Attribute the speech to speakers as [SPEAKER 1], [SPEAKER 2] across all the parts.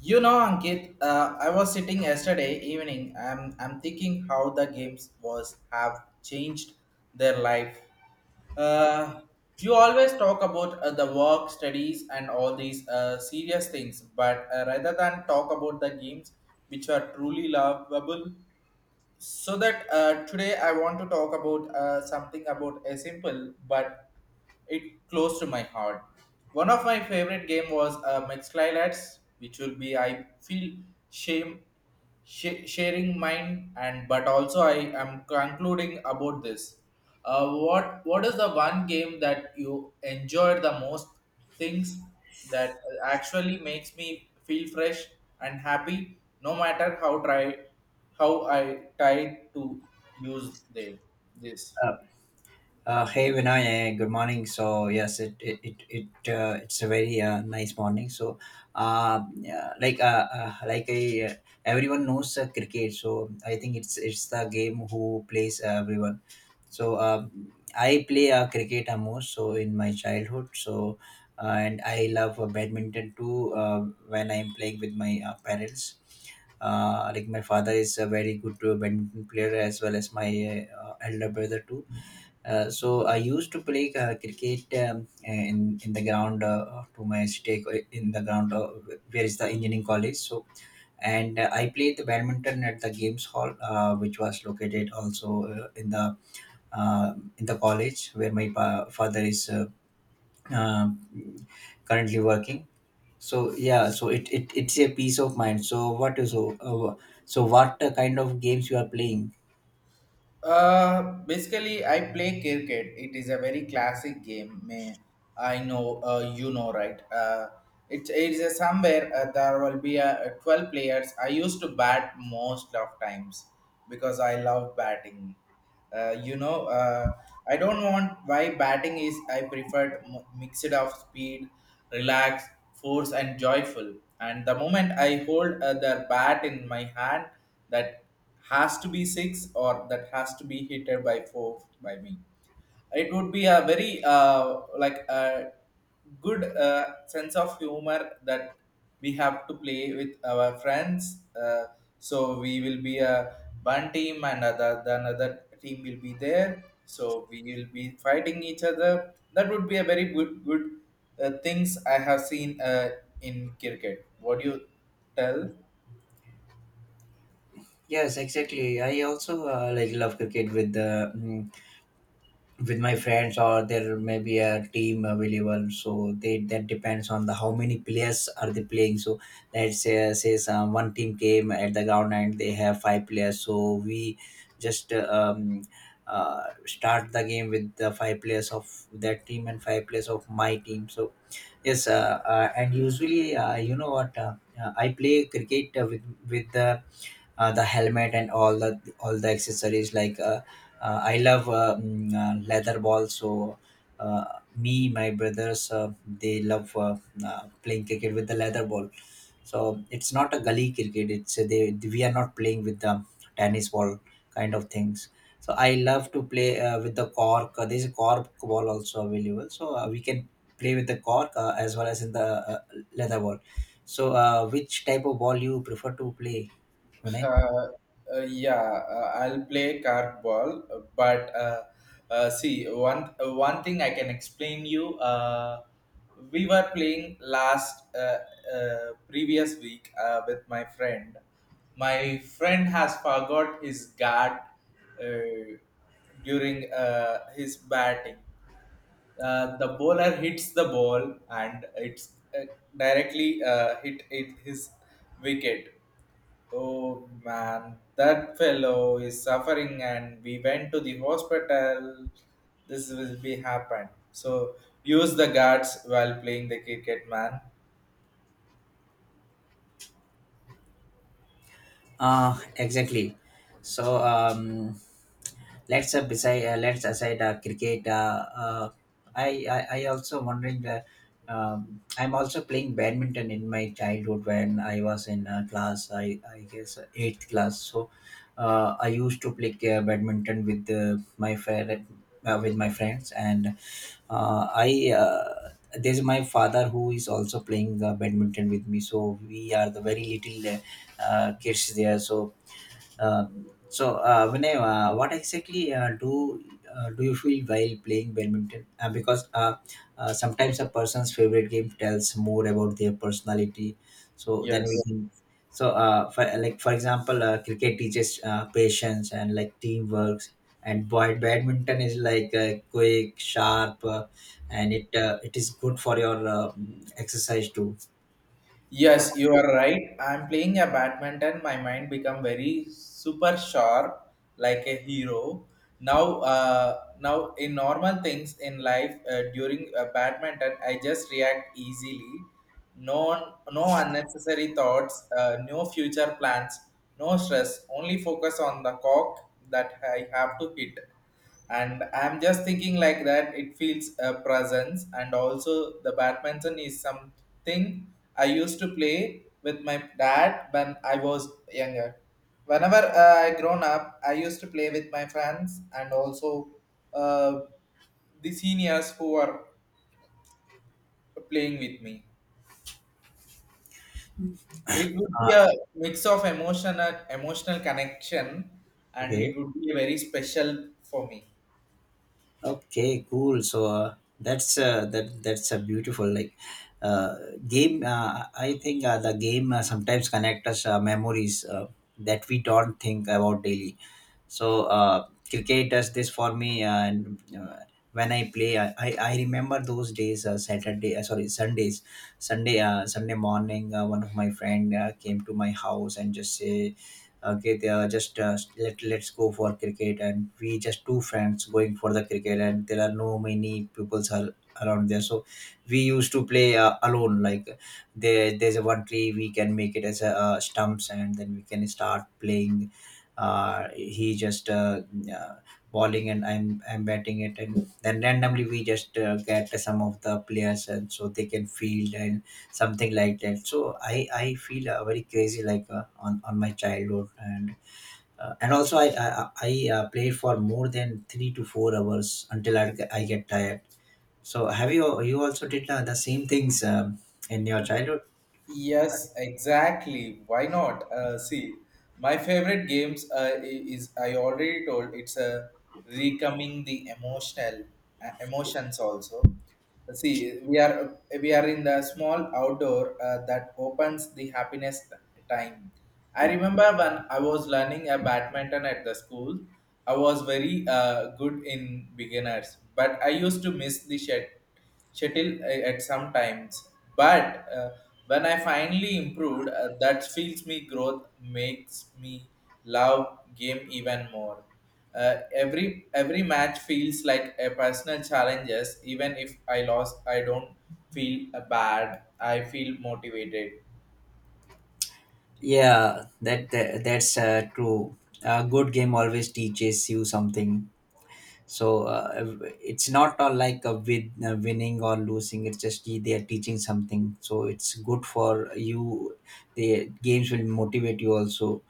[SPEAKER 1] You know, Ankit, I was sitting yesterday evening. I'm thinking how the games was have changed their life. Uh, you always talk about the work, studies, and all these serious things, but rather than talk about the games which are truly lovable. So that today I want to talk about something about a simple but it close to my heart. One of my favorite game was Mixlylads, which will be I feel shame sharing mine and but also I am concluding about this. What is the one game that you enjoyed the most? Things that actually makes me feel fresh and happy, no matter how try how I tried to use them. This.
[SPEAKER 2] Uh, Hey Vinay, good morning. So yes, it's a very nice morning. So yeah, like everyone knows cricket. So I think it's the game who plays everyone. So I play cricket a most so in my childhood. So and I love badminton too when I'm playing with my parents. Like my father is a very good badminton player as well as my elder brother too. So I used to play cricket in the ground to my city in the ground where is the engineering college. So and I played the badminton at the games hall, which was located also in the college where my father is uh, currently working. So yeah, so it's a peace of mind. So what is so what kind of games you are playing?
[SPEAKER 1] Basically, I play cricket. It is a very classic game. May I know you know right? It, it is a somewhere there will be a 12 players. I used to bat most of times because I love batting. You know, I don't want why batting is. I preferred m- mixed of speed, relax, force, and joyful. And the moment I hold the bat in my hand, that has to be six or that has to be hit by four by me it would be a very like a good sense of humor that we have to play with our friends so we will be a one team and other the another team will be there so we will be fighting each other that would be a very good good things I have seen in cricket what do you tell
[SPEAKER 2] Yes, exactly. I also like love cricket with the with my friends or there may be a team available so they that depends on the how many players are they playing so let's say, say some one team came at the ground and they have five players so we just start the game with the five players of that team and five players of my team so yes and usually you know what I play cricket with the helmet and all the accessories like I love leather ball so uh, me my brothers they love playing cricket with the leather ball so it's not a gully cricket it's they we are not playing with the tennis ball kind of things so I love to play with the cork. There's a cork ball also available so we can play with the cork as well as in the uh, leather ball so which type of ball you prefer to play Vinay?
[SPEAKER 1] Uh, yeah, I'll play cardball, but see one thing I can explain you. We were playing last previous week with my friend. My friend has forgot his guard uh, during his batting. The bowler hits the ball and it's directly hit his wicket. Oh man, that fellow is suffering, and we went to the hospital. This will be happen. So use the guards while playing the cricket, man.
[SPEAKER 2] Exactly. So let's beside, let's aside cricket. I also wondering. I'm also playing badminton in my childhood when I was in class. I guess eighth class. So I used to play badminton with my friend with my friends and I there's my father who is also playing badminton with me. So we are the very little. Kids there. So, uh, so Vinay, what exactly do do you feel while playing badminton? Because sometimes a person's favorite game tells more about their personality. So then we
[SPEAKER 1] Yes.
[SPEAKER 2] can. So, for like for example, cricket teaches patience and like teamwork, and boy, badminton is like quick, sharp, and it is good for your exercise too. So,
[SPEAKER 1] Yes, you are right. I'm playing a badminton. My mind become very super sharp, like a hero. Now in normal things in life, during badminton, I just react easily. No, no unnecessary thoughts, no future plans, no stress. Only focus on the cock that I have to hit, and I'm just thinking like that it feels a presence. And also the badminton is something I used to play with my dad when I was younger. Whenever I grown up I used to play with my friends and also uh, the seniors who are playing with me, it would
[SPEAKER 2] uh,
[SPEAKER 1] be a mix of emotional connection, and
[SPEAKER 2] okay.
[SPEAKER 1] it would be very special for me.
[SPEAKER 2] Okay, cool. So that's that's a beautiful like uh, game. I think the game sometimes connect us memories that we don't think about daily so cricket does this for me and when I play I remember those days saturday sorry sundays sunday sunday morning one of my friend came to my house and just say okay they are just let's go for cricket and we just two friends going for the cricket and there are no many pupils are around there so we used to play alone like there's a one tree we can make it as a stumps and then we can start playing he just uh, bowling and I'm batting it and then randomly we just get some of the players and so they can field and something like that so I feel very crazy like on my childhood and also I played for more than 3 to 4 hours until I get tired so have you also did the same things in your childhood.
[SPEAKER 1] Yes, exactly. Why not? See, my favorite games is I already told it's a recoming the emotional emotions also. See, we are in the small outdoor that opens the happiness time. I remember when I was learning a badminton at the school, I was very good in beginners, but I used to miss the shuttle at some times. But when I finally improved, that feels me growth makes me love game even more. Every match feels like a personal challenges. Even if I lost, I don't feel bad. I feel motivated.
[SPEAKER 2] Yeah that's true. A good game always teaches you something so it's not all like a winning or losing it's just they are teaching something so it's good for you the games will motivate you also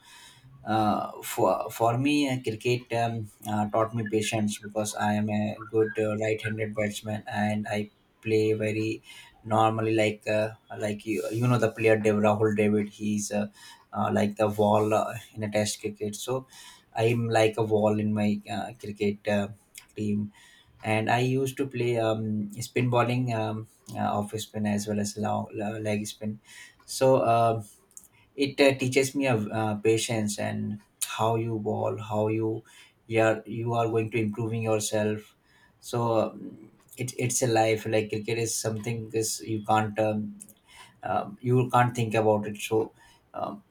[SPEAKER 2] for me, cricket taught me patience because I am a good right-handed batsman and I play very normally like you know the player Dev Rahul David. He's like the wall in a Test cricket. So I'm like a wall in my cricket team. And I used to play spin bowling, off spin as well as long, leg spin. So. It teaches me patience and how you evolve how you you are going to improving yourself so it's a life like cricket is something is you can't think about it so um,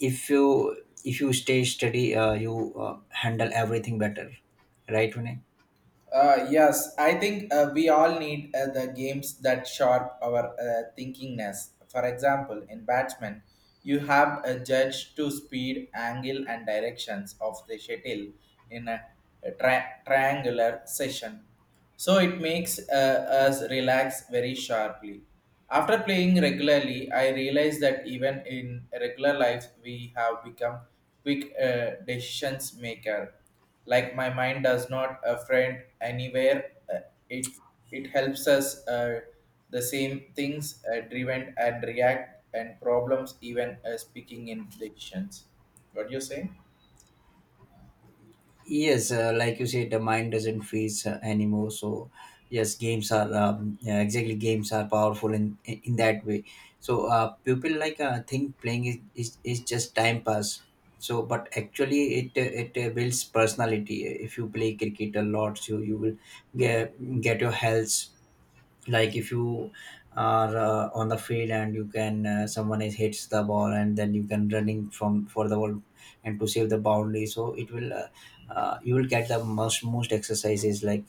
[SPEAKER 2] if you if you stay steady you handle everything better right Vinay?
[SPEAKER 1] Yes, I think we all need the games that sharp our thinkingness. For example, in Batsman, you have a judge to speed, angle, and directions of the shuttle in a triangular session. So it makes us relax very sharply. After playing regularly, I realized that even in regular life, we have become quick decisions maker, like my mind does not a friend anywhere, it it helps us the same things driven and react and problems even speaking in dictions. What do you say?
[SPEAKER 2] Yes, like you said, the mind doesn't freeze anymore. So, yes, games are yeah, exactly games are powerful in in that way. So, people like think playing is, is just time pass. So, but actually, it it builds personality. If you play cricket a lot, so you will get get your health like if you are on the field and you can someone is hits the ball and then you can running from for the ball and to save the boundary so it will you will get the most exercises like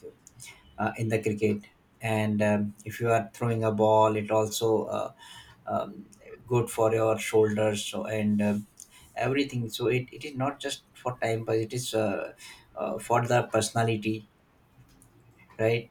[SPEAKER 2] in the cricket and if you are throwing a ball it also um, good for your shoulders so, and everything so it is not just for time but it is for the personality right.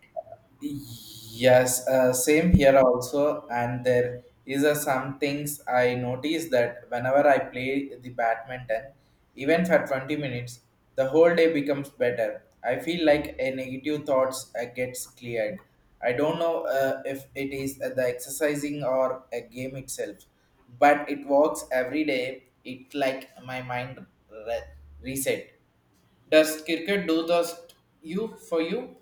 [SPEAKER 1] Yes, same here also. And there is a some things I notice that whenever I play the badminton, even for 20 minutes, the whole day becomes better. I feel like a negative thoughts gets cleared. I don't know if it is the exercising or a game itself, but it works every day. It like my mind reset. Does cricket do those you for you?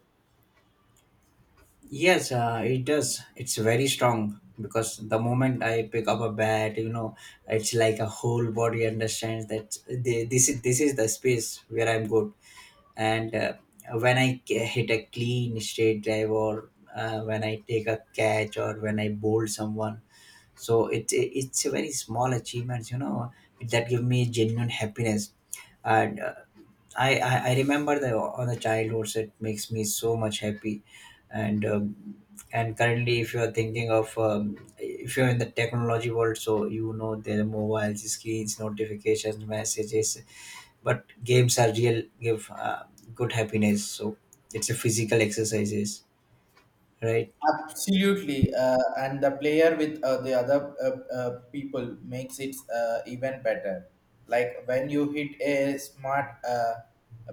[SPEAKER 2] Yes, it does. It's very strong because the moment I pick up a bat, you know, it's like a whole body understands that they, this is the space where I'm good. And when I hit a clean straight drive, or when I take a catch, or when I bowl someone, so it's a very small achievements, you know, that give me genuine happiness. And I remember the on the childhoods it makes me so much happy and um, and currently if you are thinking of if you're in the technology world so you know there are mobiles screens notifications messages but games are real give good happiness so it's a physical exercises right.
[SPEAKER 1] Absolutely, and the player with the other people makes it even better. Like when you hit a smart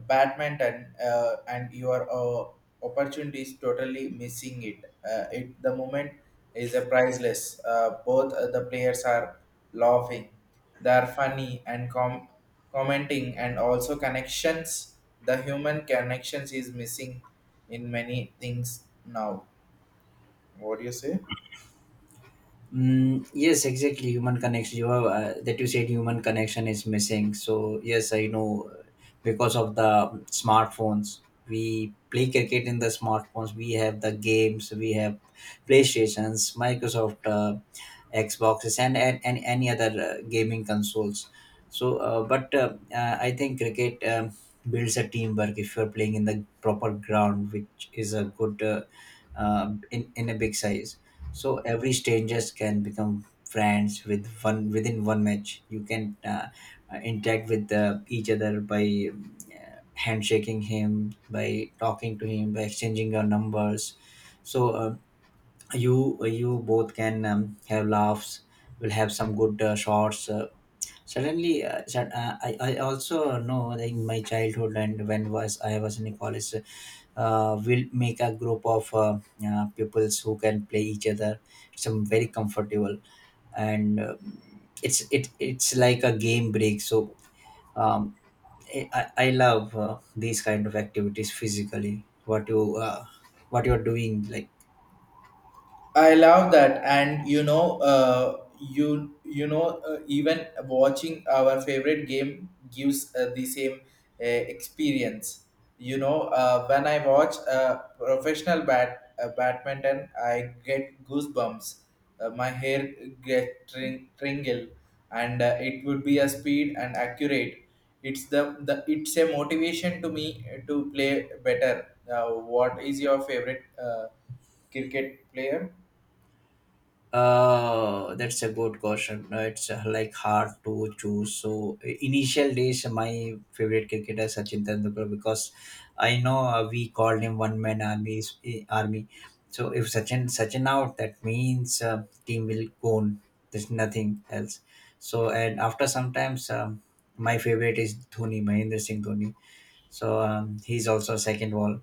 [SPEAKER 1] badminton and your opportunity is totally missing it. It the moment is a priceless. Both the players are laughing, they are funny and commenting, and also connections. The human connections is missing in many things now. What do you say?
[SPEAKER 2] Mm, yes, exactly. Human connection. You have, that you said human connection is missing. So yes, I know because of the smartphones, we play cricket in the smartphones. We have the games. We have PlayStations, Microsoft, Xboxes, and any other gaming consoles. So, but I think cricket builds a teamwork if you are playing in the proper ground, which is a good in a big size so every strangers can become friends with one within one match. You can interact with each other by handshaking him, by talking to him, by exchanging your numbers. So you you both can have laughs. Will have some good shots. I also know that in my childhood and when was I was in college, we'll make a group of pupils who can play each other. It's very comfortable and it's like a game break. So um, I love these kind of activities physically. What you are doing like.
[SPEAKER 1] I love that, and you know, even watching our favorite game gives the same experience. You know, when I watch professional bat badminton, I get goosebumps. My hair get tingle, and it would be a speed and accurate. It's the it's a motivation to me to play better. What is your favorite cricket player?
[SPEAKER 2] That's a good question. It's like hard to choose. So initial days, my favorite cricketer Sachin Tendulkar because I know we called him one man army. Army. So if Sachin out, that means team will go on. There's nothing else. So and after sometimes my favorite is Dhoni, Mahendra Singh Dhoni. So he's also second wall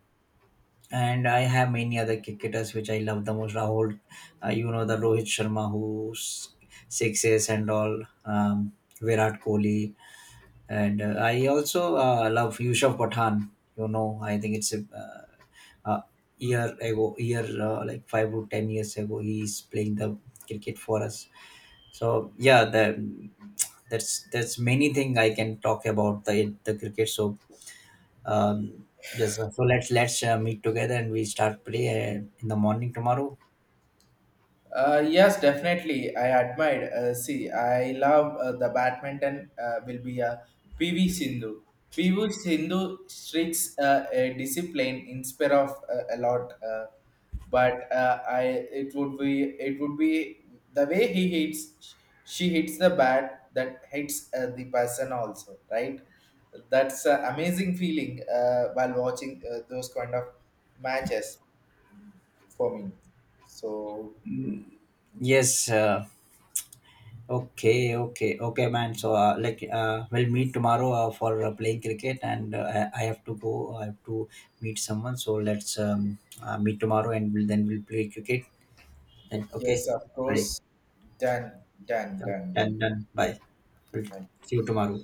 [SPEAKER 2] and I have many other cricketers which I love the most. Rahul, you know the Rohit Sharma who's sixes and all, Virat Kohli, and I also love Yusuf Pathan. You know, I think it's a uh, uh, year ago, year like 5 or 10 years ago, he's playing the cricket for us. So yeah, the that's many thing I can talk about the cricket. So um, yes, so let's meet together and we start play in the morning tomorrow.
[SPEAKER 1] Yes, definitely. I admired. See, I love the badminton. Will be a PV Sindhu. PV Sindhu streaks a discipline inspire of a lot. But I it would be the way he hits. She hits the bat that hits the person also, right? That's an amazing feeling while watching those kind of matches for me. So
[SPEAKER 2] Yes. Okay. Okay, man. So like we'll meet tomorrow for playing cricket, and I have to go. I have to meet someone. So let's meet tomorrow, and then we'll play cricket. Then okay.
[SPEAKER 1] yes, of
[SPEAKER 2] Bye.
[SPEAKER 1] course, done, done, done, done.
[SPEAKER 2] Done. Done. Bye. We'll see you tomorrow.